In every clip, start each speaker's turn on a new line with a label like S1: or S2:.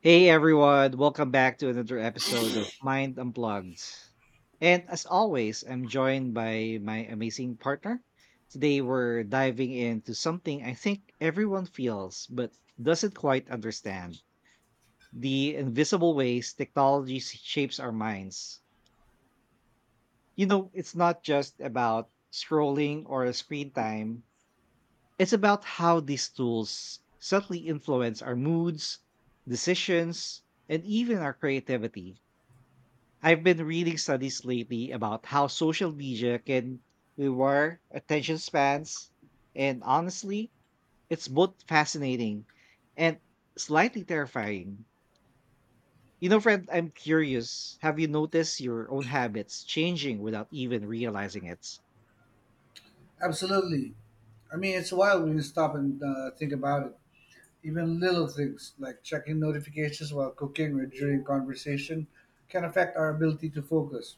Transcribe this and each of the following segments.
S1: Hey everyone, welcome back to another episode of Mind Unplugged. And as always, I'm joined by my amazing partner. Today we're diving into something I think everyone feels but doesn't quite understand: the invisible ways technology shapes our minds. You know, it's not just about scrolling or screen time, it's about how these tools subtly influence our moods, decisions, and even our creativity. I've been reading studies lately about how social media can rewire attention spans. And honestly, it's both fascinating and slightly terrifying. You know, friend, I'm curious. Have you noticed your own habits changing without even realizing it?
S2: Absolutely. I mean, it's wild when you stop and think about it. Even little things like checking notifications while cooking or during conversation can affect our ability to focus.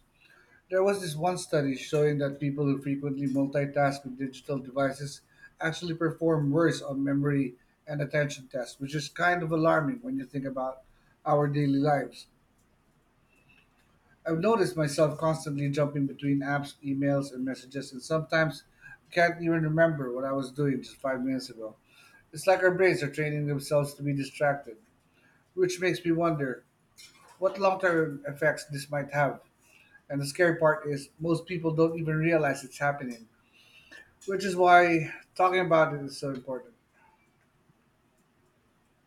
S2: There was this one study showing that people who frequently multitask with digital devices actually perform worse on memory and attention tests, which is kind of alarming when you think about our daily lives. I've noticed myself constantly jumping between apps, emails, and messages, and sometimes I can't even remember what I was doing just 5 minutes ago. It's like our brains are training themselves to be distracted, which makes me wonder what long term effects this might have. And the scary part is, most people don't even realize it's happening, which is why talking about it is so important.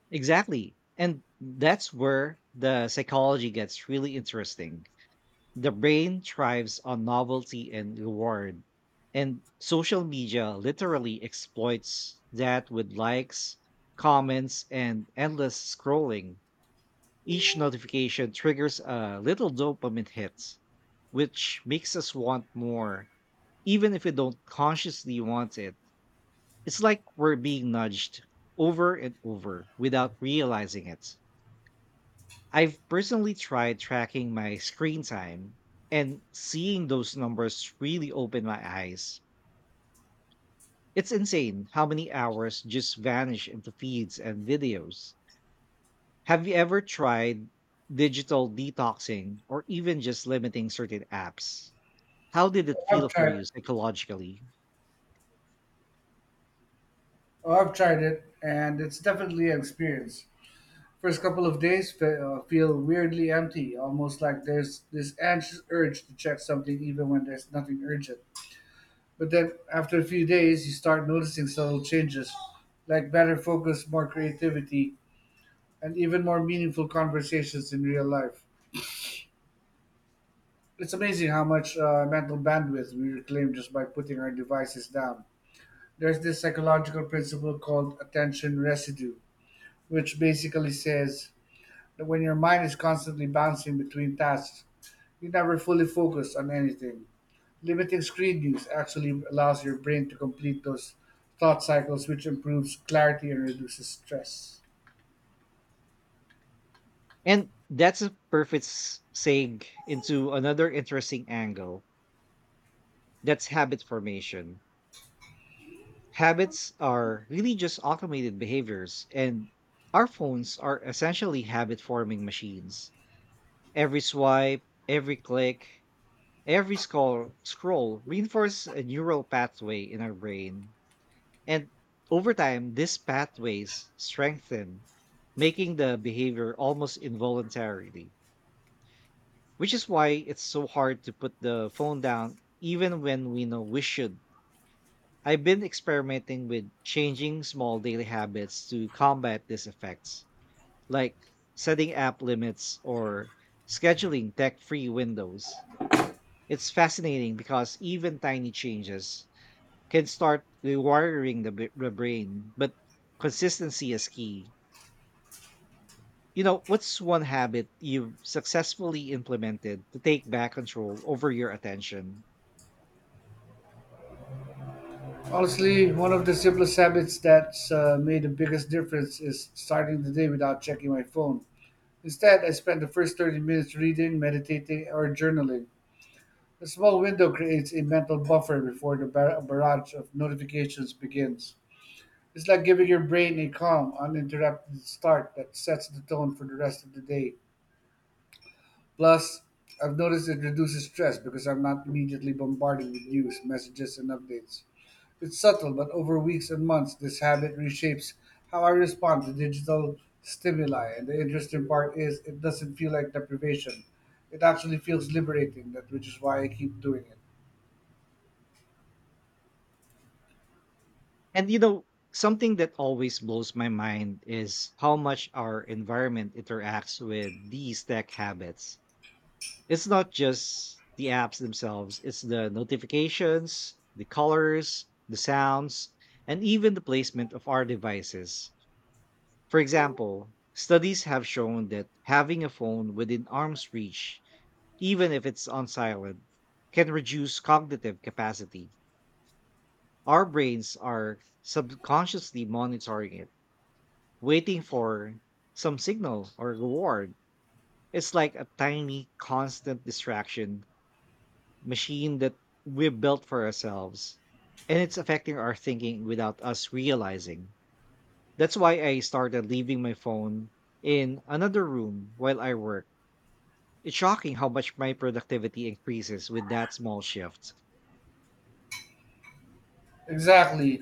S1: Exactly. And that's where the psychology gets really interesting. The brain thrives on novelty and reward, and social media literally exploits that with likes, comments, and endless scrolling. Each notification triggers a little dopamine hit, which makes us want more, even if we don't consciously want it. It's like we're being nudged over and over without realizing it. I've personally tried tracking my screen time, and seeing those numbers really opened my eyes. It's insane how many hours just vanish into feeds and videos. Have you ever tried digital detoxing or even just limiting certain apps? How did it
S2: I've
S1: feel for
S2: tried,
S1: you psychologically?
S2: I've tried it, and it's definitely an experience. First couple of days feel weirdly empty, almost like there's this anxious urge to check something even when there's nothing urgent. But then after a few days, you start noticing subtle changes, like better focus, more creativity, and even more meaningful conversations in real life. It's amazing how much mental bandwidth we reclaim just by putting our devices down. There's this psychological principle called attention residue, which basically says that when your mind is constantly bouncing between tasks, you never fully focus on anything. Limiting screen use actually allows your brain to complete those thought cycles, which improves clarity and reduces stress.
S1: And that's a perfect segue into another interesting angle: that's habit formation. Habits are really just automated behaviors, and our phones are essentially habit forming machines. Every swipe, every click, every scroll reinforce a neural pathway in our brain. And over time, these pathways strengthen, making the behavior almost involuntarily, which is why it's so hard to put the phone down even when we know we should. I've been experimenting with changing small daily habits to combat these effects, like setting app limits or scheduling tech free windows. It's fascinating because even tiny changes can start rewiring the brain, but consistency is key. You know, what's one habit you've successfully implemented to take back control over your attention?
S2: Honestly, one of the simplest habits that's made the biggest difference is starting the day without checking my phone. Instead, I spend the first 30 minutes reading, meditating, or journaling. A small window creates a mental buffer before the barrage of notifications begins. It's like giving your brain a calm, uninterrupted start that sets the tone for the rest of the day. Plus, I've noticed it reduces stress because I'm not immediately bombarded with news, messages, and updates. It's subtle, but over weeks and months, this habit reshapes how I respond to digital stimuli. And the interesting part is, it doesn't feel like deprivation. It actually feels liberating, that which is why I keep doing it.
S1: And you know, something that always blows my mind is how much our environment interacts with these tech habits. It's not just the apps themselves, it's the notifications, the colors, the sounds, and even the placement of our devices. For example, studies have shown that having a phone within arm's reach, even if it's on silent, can reduce cognitive capacity. Our brains are subconsciously monitoring it, waiting for some signal or reward. It's like a tiny, constant distraction machine that we built for ourselves. And it's affecting our thinking without us realizing. That's why I started leaving my phone in another room while I work. It's shocking how much my productivity increases with that small shift.
S2: Exactly.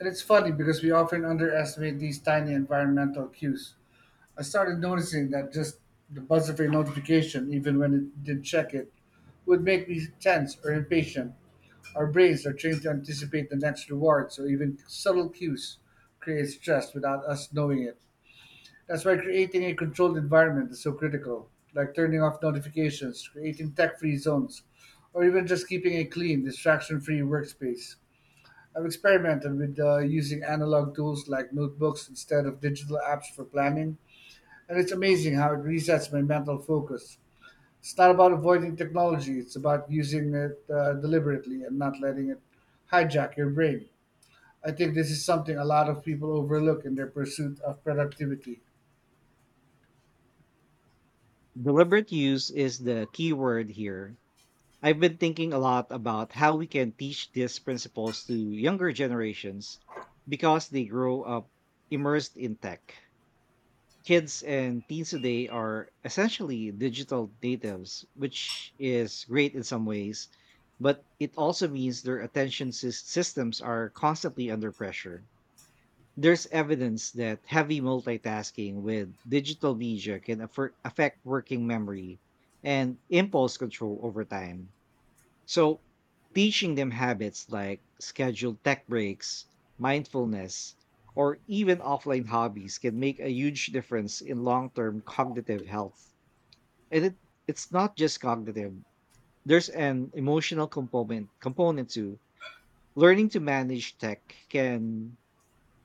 S2: And it's funny because we often underestimate these tiny environmental cues. I started noticing that just the buzz of a notification, even when it did check it, would make me tense or impatient. Our brains are trained to anticipate the next reward, so even subtle cues create stress without us knowing it. That's why creating a controlled environment is so critical, like turning off notifications, creating tech free zones, or even just keeping a clean, distraction free workspace. I've experimented with using analog tools like notebooks instead of digital apps for planning, and it's amazing how it resets my mental focus. It's not about avoiding technology, it's about using it deliberately and not letting it hijack your brain. I think this is something a lot of people overlook in their pursuit of productivity.
S1: Deliberate use is the key word here. I've been thinking a lot about how we can teach these principles to younger generations because they grow up immersed in tech. Kids and teens today are essentially digital natives, which is great in some ways, but it also means their attention systems are constantly under pressure. There's evidence that heavy multitasking with digital media can affect working memory and impulse control over time, so teaching them habits like scheduled tech breaks, mindfulness, or even offline hobbies can make a huge difference in long-term cognitive health. And it, it's not just cognitive. There's an emotional component to learning to manage tech can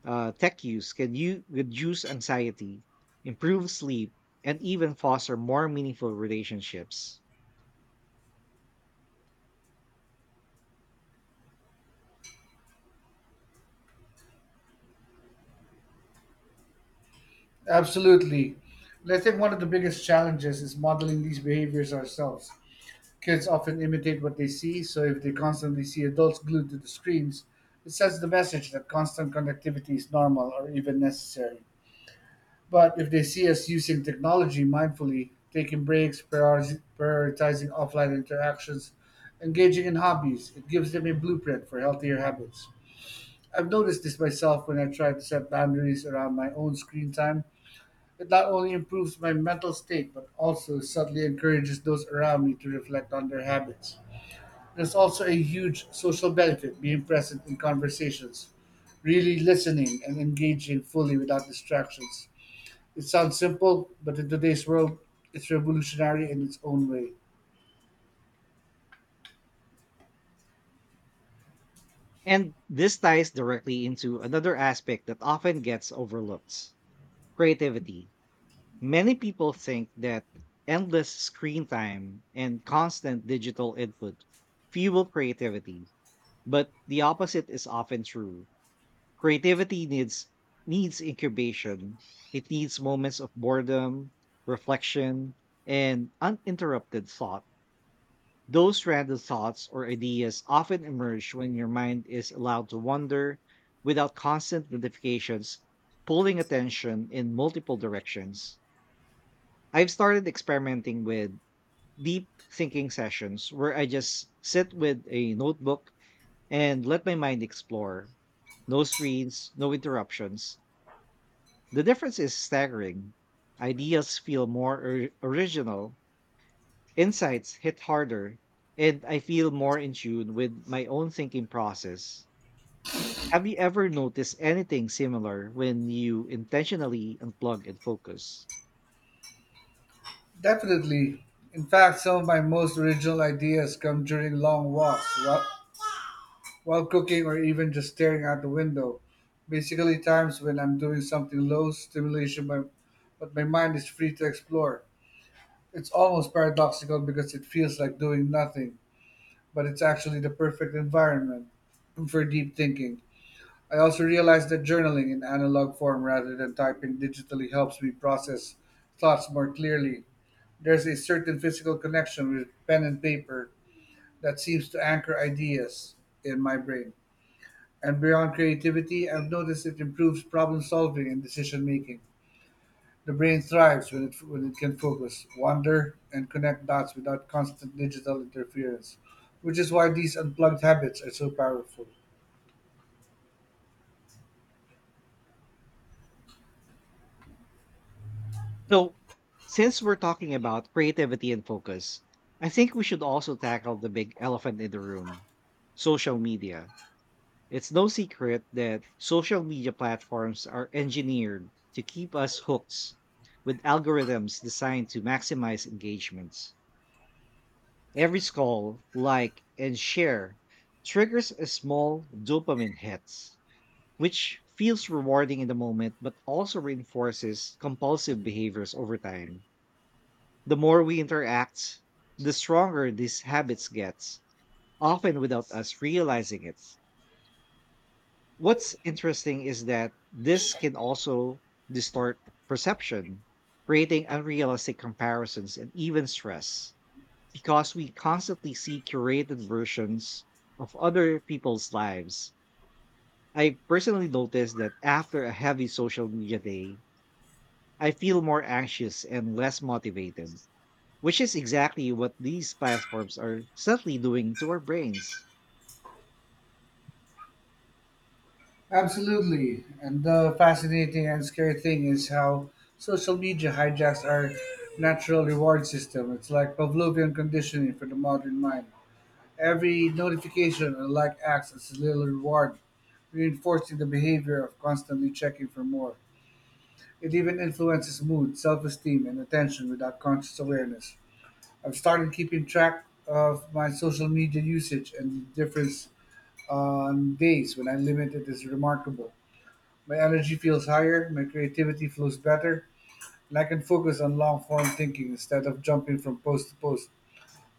S1: tech use can you reduce anxiety, improve sleep, and even foster more meaningful relationships.
S2: Absolutely. And I think one of the biggest challenges is modeling these behaviors ourselves. Kids often imitate what they see, so if they constantly see adults glued to the screens, it sends the message that constant connectivity is normal or even necessary. But if they see us using technology mindfully, taking breaks, prioritizing offline interactions, engaging in hobbies, it gives them a blueprint for healthier habits. I've noticed this myself when I try to set boundaries around my own screen time. It not only improves my mental state, but also subtly encourages those around me to reflect on their habits. There's also a huge social benefit being present in conversations, really listening and engaging fully without distractions. It sounds simple, but in today's world, it's revolutionary in its own way.
S1: And this ties directly into another aspect that often gets overlooked: creativity. Many people think that endless screen time and constant digital input fuel creativity, but the opposite is often true. Creativity needs incubation. It needs moments of boredom, reflection, and uninterrupted thought. Those random thoughts or ideas often emerge when your mind is allowed to wander without constant notifications pulling attention in multiple directions. I've started experimenting with deep thinking sessions where I just sit with a notebook and let my mind explore. No screens, no interruptions. The difference is staggering. Ideas feel more original. Insights hit harder, and I feel more in tune with my own thinking process. Have you ever noticed anything similar when you intentionally unplug and focus?
S2: Definitely. In fact, some of my most original ideas come during long walks, while cooking, or even just staring out the window. Basically, times when I'm doing something low stimulation, but my mind is free to explore. It's almost paradoxical because it feels like doing nothing, but it's actually the perfect environment for deep thinking. I also realized that journaling in analog form rather than typing digitally helps me process thoughts more clearly. There's a certain physical connection with pen and paper that seems to anchor ideas in my brain. And beyond creativity, I've noticed it improves problem solving and decision making. The brain thrives when it can focus, wander, and connect dots without constant digital interference, which is why these unplugged habits are so powerful.
S1: So, since we're talking about creativity and focus, I think we should also tackle the big elephant in the room: social media. It's no secret that social media platforms are engineered to keep us hooked with algorithms designed to maximize engagements. Every scroll, like, and share triggers a small dopamine hit, which feels rewarding in the moment but also reinforces compulsive behaviors over time. The more we interact, the stronger these habits get, often without us realizing it. What's interesting is that this can also distort perception, creating unrealistic comparisons and even stress, because we constantly see curated versions of other people's lives. I personally noticed that after a heavy social media day, I feel more anxious and less motivated, which is exactly what these platforms are subtly doing to our brains.
S2: Absolutely. And the fascinating and scary thing is how social media hijacks our natural reward system. It's like Pavlovian conditioning for the modern mind. Every notification or like acts as a little reward, reinforcing the behavior of constantly checking for more. It even influences mood, self esteem, and attention without conscious awareness. I've started keeping track of my social media usage, and the difference on days when I limit it is remarkable. My energy feels higher, my creativity flows better, and I can focus on long form thinking instead of jumping from post to post.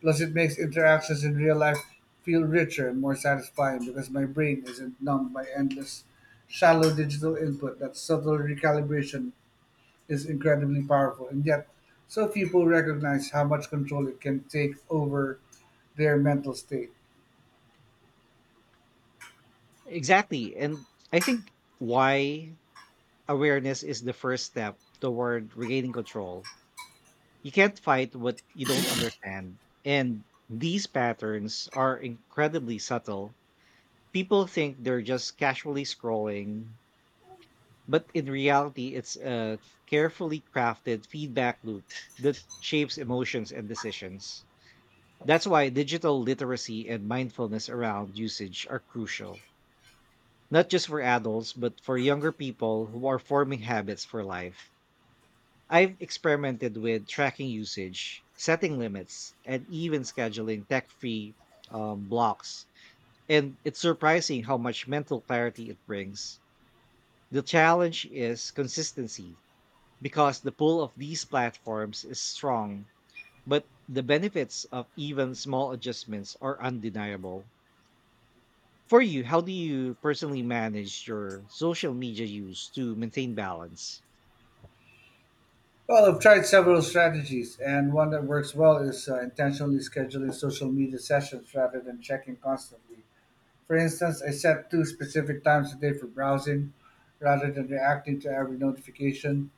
S2: Plus, it makes interactions in real life feel richer and more satisfying because my brain isn't numbed by endless, shallow digital input. That subtle recalibration is incredibly powerful, and yet, so few people recognize how much control it can take over their mental state.
S1: Exactly. And I think why awareness is the first step toward regaining control. You can't fight what you don't understand. And these patterns are incredibly subtle. People think they're just casually scrolling, but in reality, it's a carefully crafted feedback loop that shapes emotions and decisions. That's why digital literacy and mindfulness around usage are crucial, not just for adults, but for younger people who are forming habits for life. I've experimented with tracking usage, setting limits, and even scheduling tech free blocks. And it's surprising how much mental clarity it brings. The challenge is consistency because the pull of these platforms is strong, but the benefits of even small adjustments are undeniable. For you, how do you personally manage your social media use to maintain balance?
S2: Well, I've tried several strategies, and one that works well is intentionally scheduling social media sessions rather than checking constantly. For instance, I set two specific times a day for browsing rather than reacting to every notification.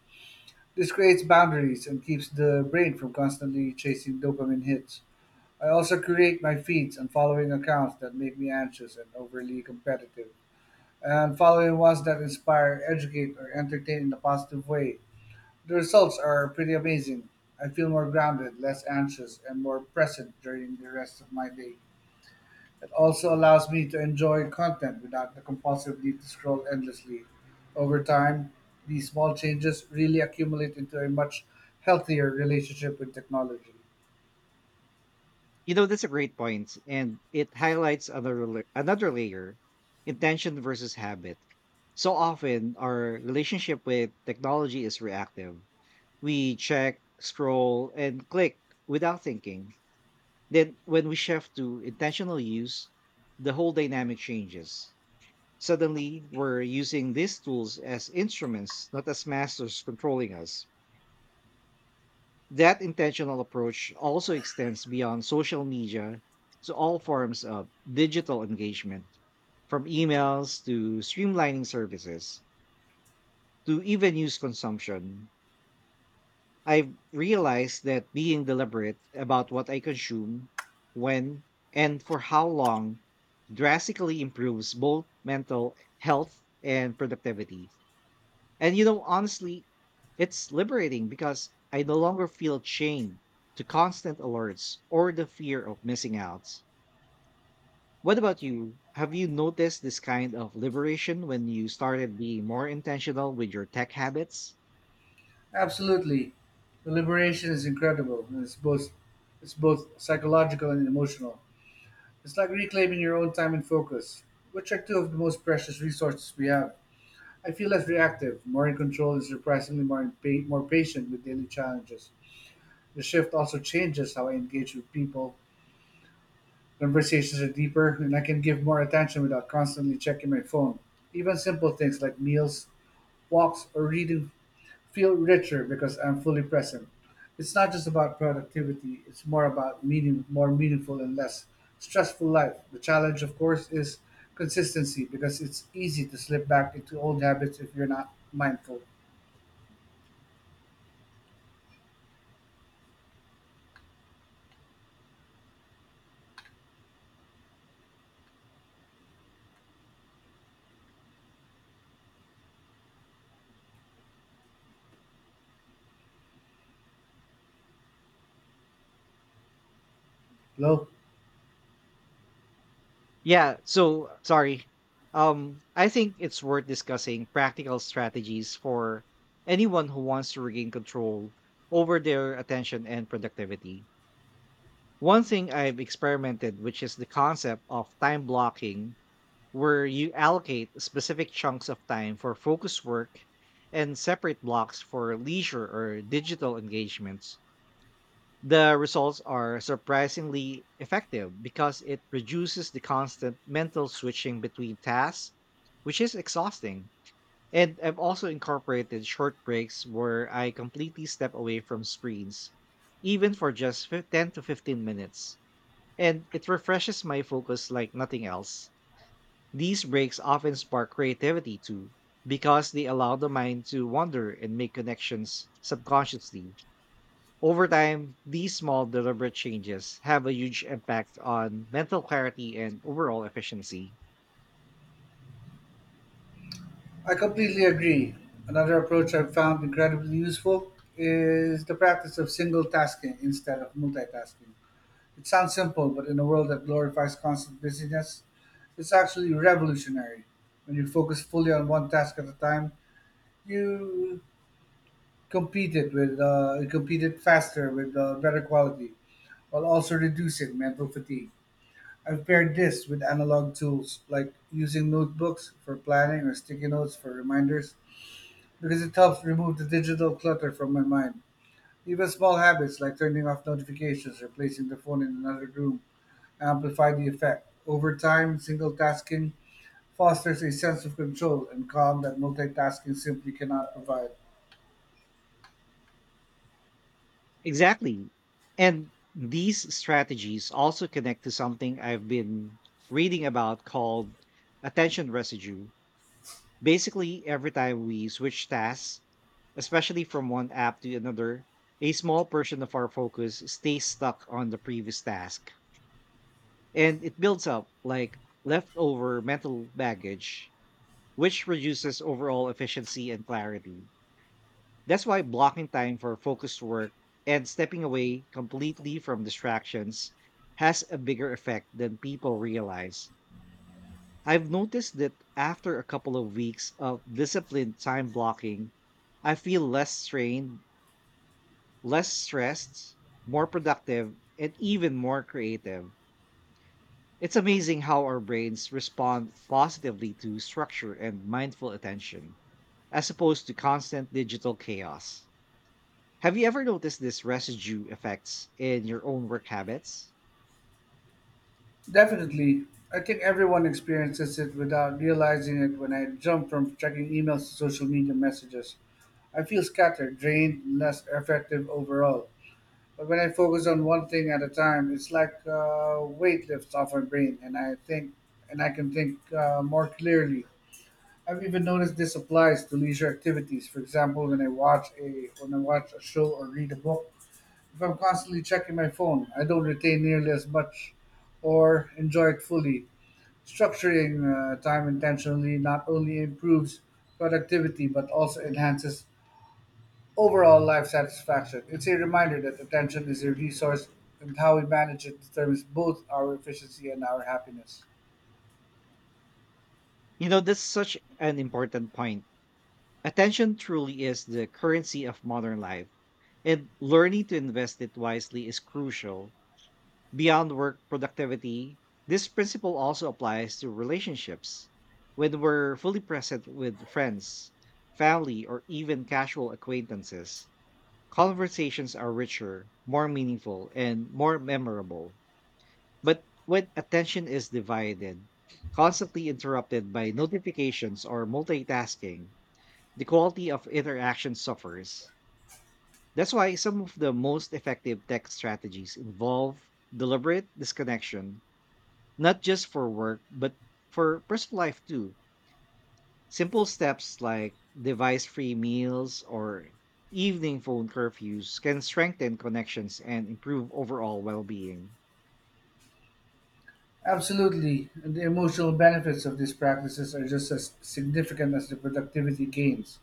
S2: This creates boundaries and keeps the brain from constantly chasing dopamine hits. I also create my feeds and following accounts that make me anxious and overly competitive, and following ones that inspire, educate, or entertain in a positive way. The results are pretty amazing. I feel more grounded, less anxious, and more present during the rest of my day. It also allows me to enjoy content without the compulsive need to scroll endlessly. Over time, these small changes really accumulate into a much healthier relationship with technology.
S1: You know, that's a great point, and it highlights another layer: intention versus habit. So often, our relationship with technology is reactive. We check, scroll, and click without thinking. Then, when we shift to intentional use, the whole dynamic changes. Suddenly, we're using these tools as instruments, not as masters controlling us. That intentional approach also extends beyond social media to all forms of digital engagement, from emails to streamlining services to even news consumption. I've realized that being deliberate about what I consume, when, and for how long drastically improves both mental health and productivity. And you know, honestly, it's liberating because I no longer feel chained to constant alerts or the fear of missing out. What about you? Have you noticed this kind of liberation when you started being more intentional with your tech habits?
S2: Absolutely. The liberation is incredible, and it's both psychological and emotional. It's like reclaiming your own time and focus, which are two of the most precious resources we have. I feel less reactive, more in control, and surprisingly more patient with daily challenges. The shift also changes how I engage with people. Conversations are deeper, and I can give more attention without constantly checking my phone. Even simple things like meals, walks, or reading feel richer because I'm fully present. It's not just about productivity, it's more about meaning, more meaningful and less stressful life. The challenge, of course, is consistency because it's easy to slip back into old habits if you're not mindful. Hello.
S1: Yeah, so sorry. I think it's worth discussing practical strategies for anyone who wants to regain control over their attention and productivity. One thing I've experimented, which is the concept of time blocking, where you allocate specific chunks of time for focus work and separate blocks for leisure or digital engagements. The results are surprisingly effective because it reduces the constant mental switching between tasks, which is exhausting. And I've also incorporated short breaks where I completely step away from screens, even for just 10 to 15 minutes. And it refreshes my focus like nothing else. These breaks often spark creativity too, because they allow the mind to wander and make connections subconsciously. Over time, these small, deliberate changes have a huge impact on mental clarity and overall efficiency.
S2: I completely agree. Another approach I've found incredibly useful is the practice of single tasking instead of multitasking. It sounds simple, but in a world that glorifies constant busyness, it's actually revolutionary. When you focus fully on one task at a time, you you compete it faster with better quality, while also reducing mental fatigue. I've paired this with analog tools like using notebooks for planning or sticky notes for reminders because it helps remove the digital clutter from my mind. Even small habits like turning off notifications or placing the phone in another room amplify the effect. Over time, single tasking fosters a sense of control and calm that multitasking simply cannot provide.
S1: Exactly. And these strategies also connect to something I've been reading about called attention residue. Basically, every time we switch tasks, especially from one app to another, a small portion of our focus stays stuck on the previous task. And it builds up like leftover mental baggage, which reduces overall efficiency and clarity. That's why blocking time for focused work and stepping away completely from distractions has a bigger effect than people realize. I've noticed that after a couple of weeks of disciplined time blocking, I feel less strained, less stressed, more productive, and even more creative. It's amazing how our brains respond positively to structure and mindful attention, as opposed to constant digital chaos. Have you ever noticed this residue effects in your own work habits?
S2: Definitely, I think everyone experiences it without realizing it when I jump from checking emails to social media messages. I feel scattered, drained, and less effective overall. But when I focus on one thing at a time, it's like weight lifts off my brain, and I can think more clearly. I've even noticed this applies to leisure activities. For example, when I watch a show or read a book, if I'm constantly checking my phone, I don't retain nearly as much, or enjoy it fully. Structuring time intentionally not only improves productivity but also enhances overall life satisfaction. It's a reminder that attention is a resource, and how we manage it determines both our efficiency and our happiness.
S1: You know, that's such an important point. Attention truly is the currency of modern life, and learning to invest it wisely is crucial. Beyond work productivity, this principle also applies to relationships. When we're fully present with friends, family, or even casual acquaintances, conversations are richer, more meaningful, and more memorable. But when attention is divided, constantly interrupted by notifications or multitasking, the quality of interaction suffers. That's why some of the most effective tech strategies involve deliberate disconnection, not just for work, but for personal life too. Simple steps like device free meals or evening phone curfews can strengthen connections and improve overall well being.
S2: Absolutely. And the emotional benefits of these practices are just as significant as the productivity gains.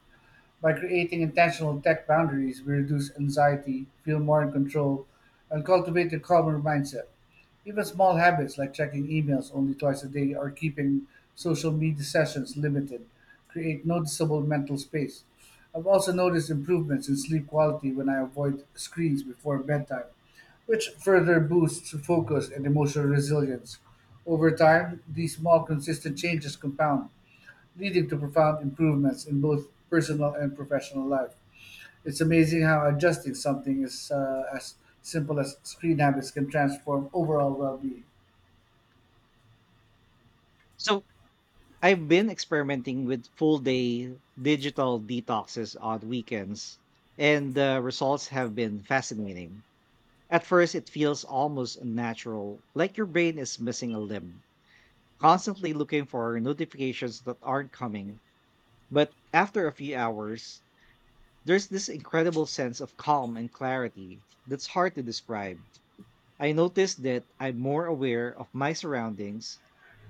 S2: By creating intentional tech boundaries, we reduce anxiety, feel more in control, and cultivate a calmer mindset. Even small habits like checking emails only twice a day or keeping social media sessions limited create noticeable mental space. I've also noticed improvements in sleep quality when I avoid screens before bedtime, which further boosts focus and emotional resilience. Over time, these small, consistent changes compound, leading to profound improvements in both personal and professional life. It's amazing how adjusting something is as simple as screen habits can transform overall well-being.
S1: So, I've been experimenting with full day digital detoxes on weekends, and the results have been fascinating. At first, it feels almost unnatural, like your brain is missing a limb, constantly looking for notifications that aren't coming. But after a few hours, there's this incredible sense of calm and clarity that's hard to describe. I noticed that I'm more aware of my surroundings,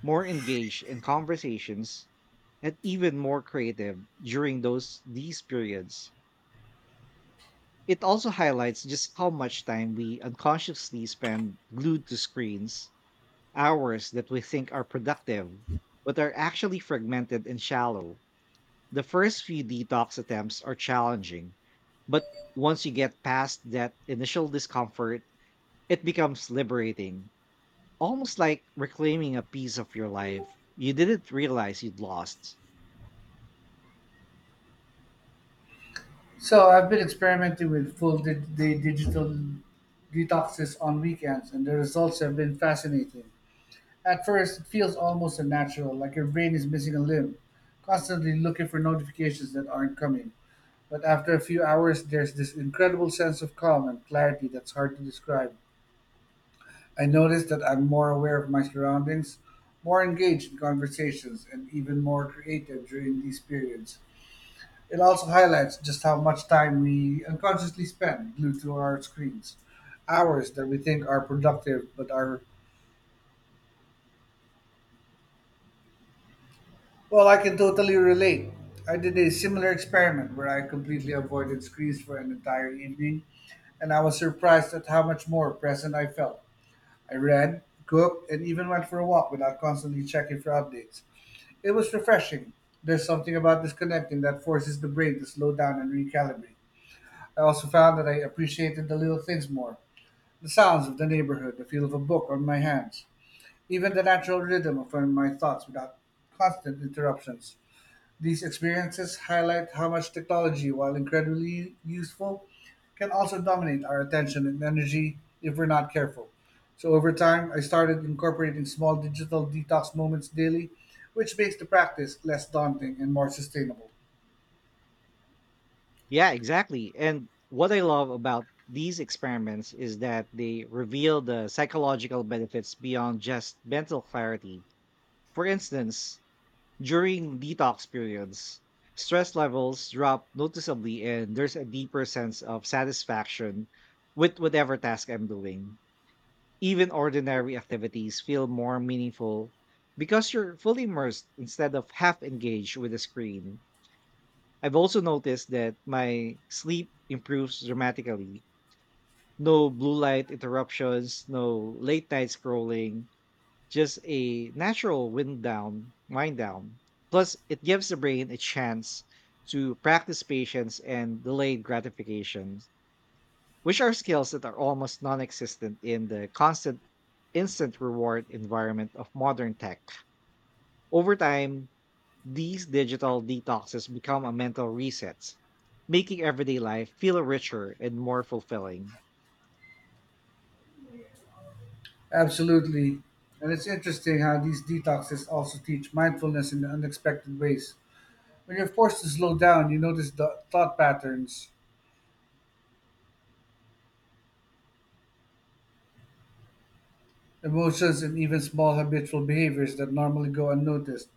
S1: more engaged in conversations, and even more creative during those these periods. It also highlights just how much time we unconsciously spend glued to screens, hours that we think are productive, but are actually fragmented and shallow. The first few detox attempts are challenging, but once you get past that initial discomfort, it becomes liberating, almost like reclaiming a piece of your life you didn't realize you'd lost.
S2: So I've been experimenting with full day digital detoxes on weekends, and the results have been fascinating. At first, it feels almost unnatural, like your brain is missing a limb, constantly looking for notifications that aren't coming. But after a few hours, there's this incredible sense of calm and clarity that's hard to describe. I notice that I'm more aware of my surroundings, more engaged in conversations, and even more creative during these periods. It also highlights just how much time we unconsciously spend glued to our screens. Hours that we think are productive but are. Well, I can totally relate. I did a similar experiment where I completely avoided screens for an entire evening, and I was surprised at how much more present I felt. I read, cooked, and even went for a walk without constantly checking for updates. It was refreshing. There's something about disconnecting that forces the brain to slow down and recalibrate. I also found that I appreciated the little things more, the sounds of the neighborhood, the feel of a book on my hands, even the natural rhythm of my thoughts without constant interruptions. These experiences highlight how much technology, while incredibly useful, can also dominate our attention and energy if we're not careful. So, over time, I started incorporating small digital detox moments daily, which makes the practice less daunting and more sustainable.
S1: Yeah, exactly. And what I love about these experiments is that they reveal the psychological benefits beyond just mental clarity. For instance, during detox periods, stress levels drop noticeably and there's a deeper sense of satisfaction with whatever task I'm doing. Even ordinary activities feel more meaningful because you're fully immersed instead of half engaged with the screen. I've also noticed that my sleep improves dramatically. No blue light interruptions, no late night scrolling, just a natural wind down. Plus, it gives the brain a chance to practice patience and delayed gratifications, which are skills that are almost non-existent in the constant instant reward environment of modern tech. Over time, these digital detoxes become a mental reset, making everyday life feel richer and more fulfilling.
S2: Absolutely. And it's interesting how these detoxes also teach mindfulness in unexpected ways. When you're forced to slow down, you notice the thought patterns, emotions, and even small habitual behaviors that normally go unnoticed.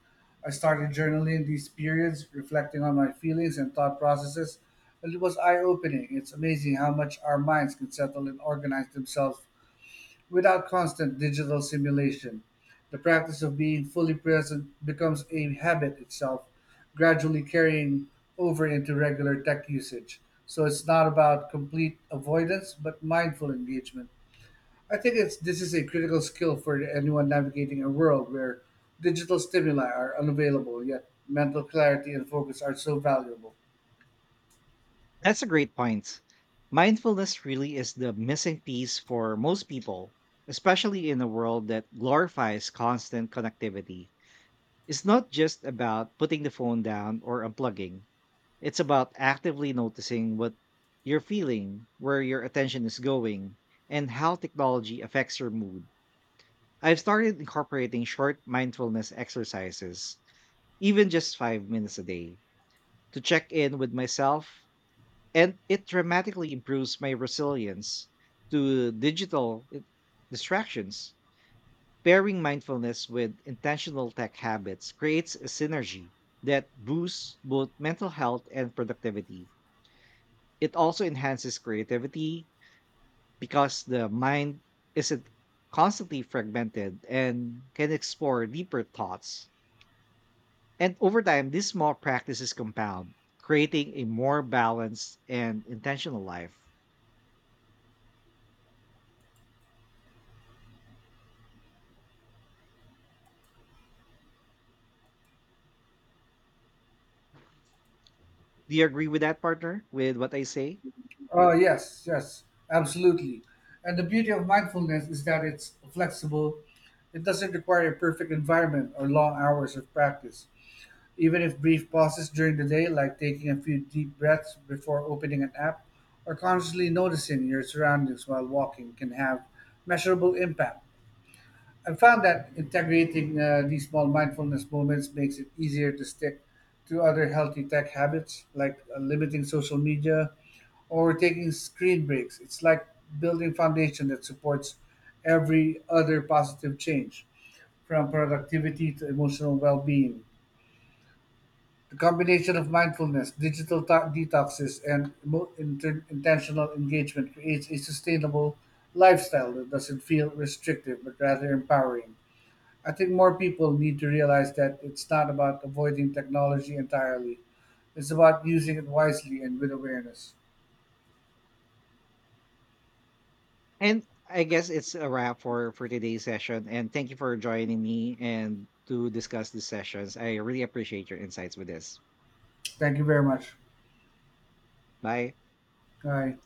S2: I started journaling in these periods, reflecting on my feelings and thought processes, and it was eye opening. It's amazing how much our minds can settle and organize themselves without constant digital simulation. The practice of being fully present becomes a habit itself, gradually carrying over into regular tech usage. So it's not about complete avoidance, but mindful engagement. I think it's this is a critical skill for anyone navigating a world where digital stimuli are unavailable, yet mental clarity and focus are so valuable.
S1: That's a great point. Mindfulness really is the missing piece for most people, especially in a world that glorifies constant connectivity. It's not just about putting the phone down or unplugging, it's about actively noticing what you're feeling, where your attention is going, and how technology affects your mood. I've started incorporating short mindfulness exercises, even just 5 minutes a day, to check in with myself, and it dramatically improves my resilience to distractions. Pairing mindfulness with intentional tech habits creates a synergy that boosts both mental health and productivity. It also enhances creativity because the mind isn't constantly fragmented and can explore deeper thoughts. And over time, these small practices compound, creating a more balanced and intentional life. Do you agree with that, partner, with what I say?
S2: Oh yes, yes, absolutely. And the beauty of mindfulness is that it's flexible. It doesn't require a perfect environment or long hours of practice. Even if brief pauses during the day, like taking a few deep breaths before opening an app, or consciously noticing your surroundings while walking, can have measurable impact. I found that integrating these small mindfulness moments makes it easier to stick to other healthy tech habits like limiting social media or taking screen breaks. It's like building foundation that supports every other positive change, from productivity to emotional well-being. The combination of mindfulness, digital detoxes, and intentional engagement creates a sustainable lifestyle that doesn't feel restrictive but rather empowering. I think more people need to realize that it's not about avoiding technology entirely. It's about using it wisely and with awareness.
S1: And I guess it's a wrap for today's session. And thank you for joining me and to discuss the sessions. I really appreciate your insights with this.
S2: Thank you very much.
S1: Bye.
S2: Bye.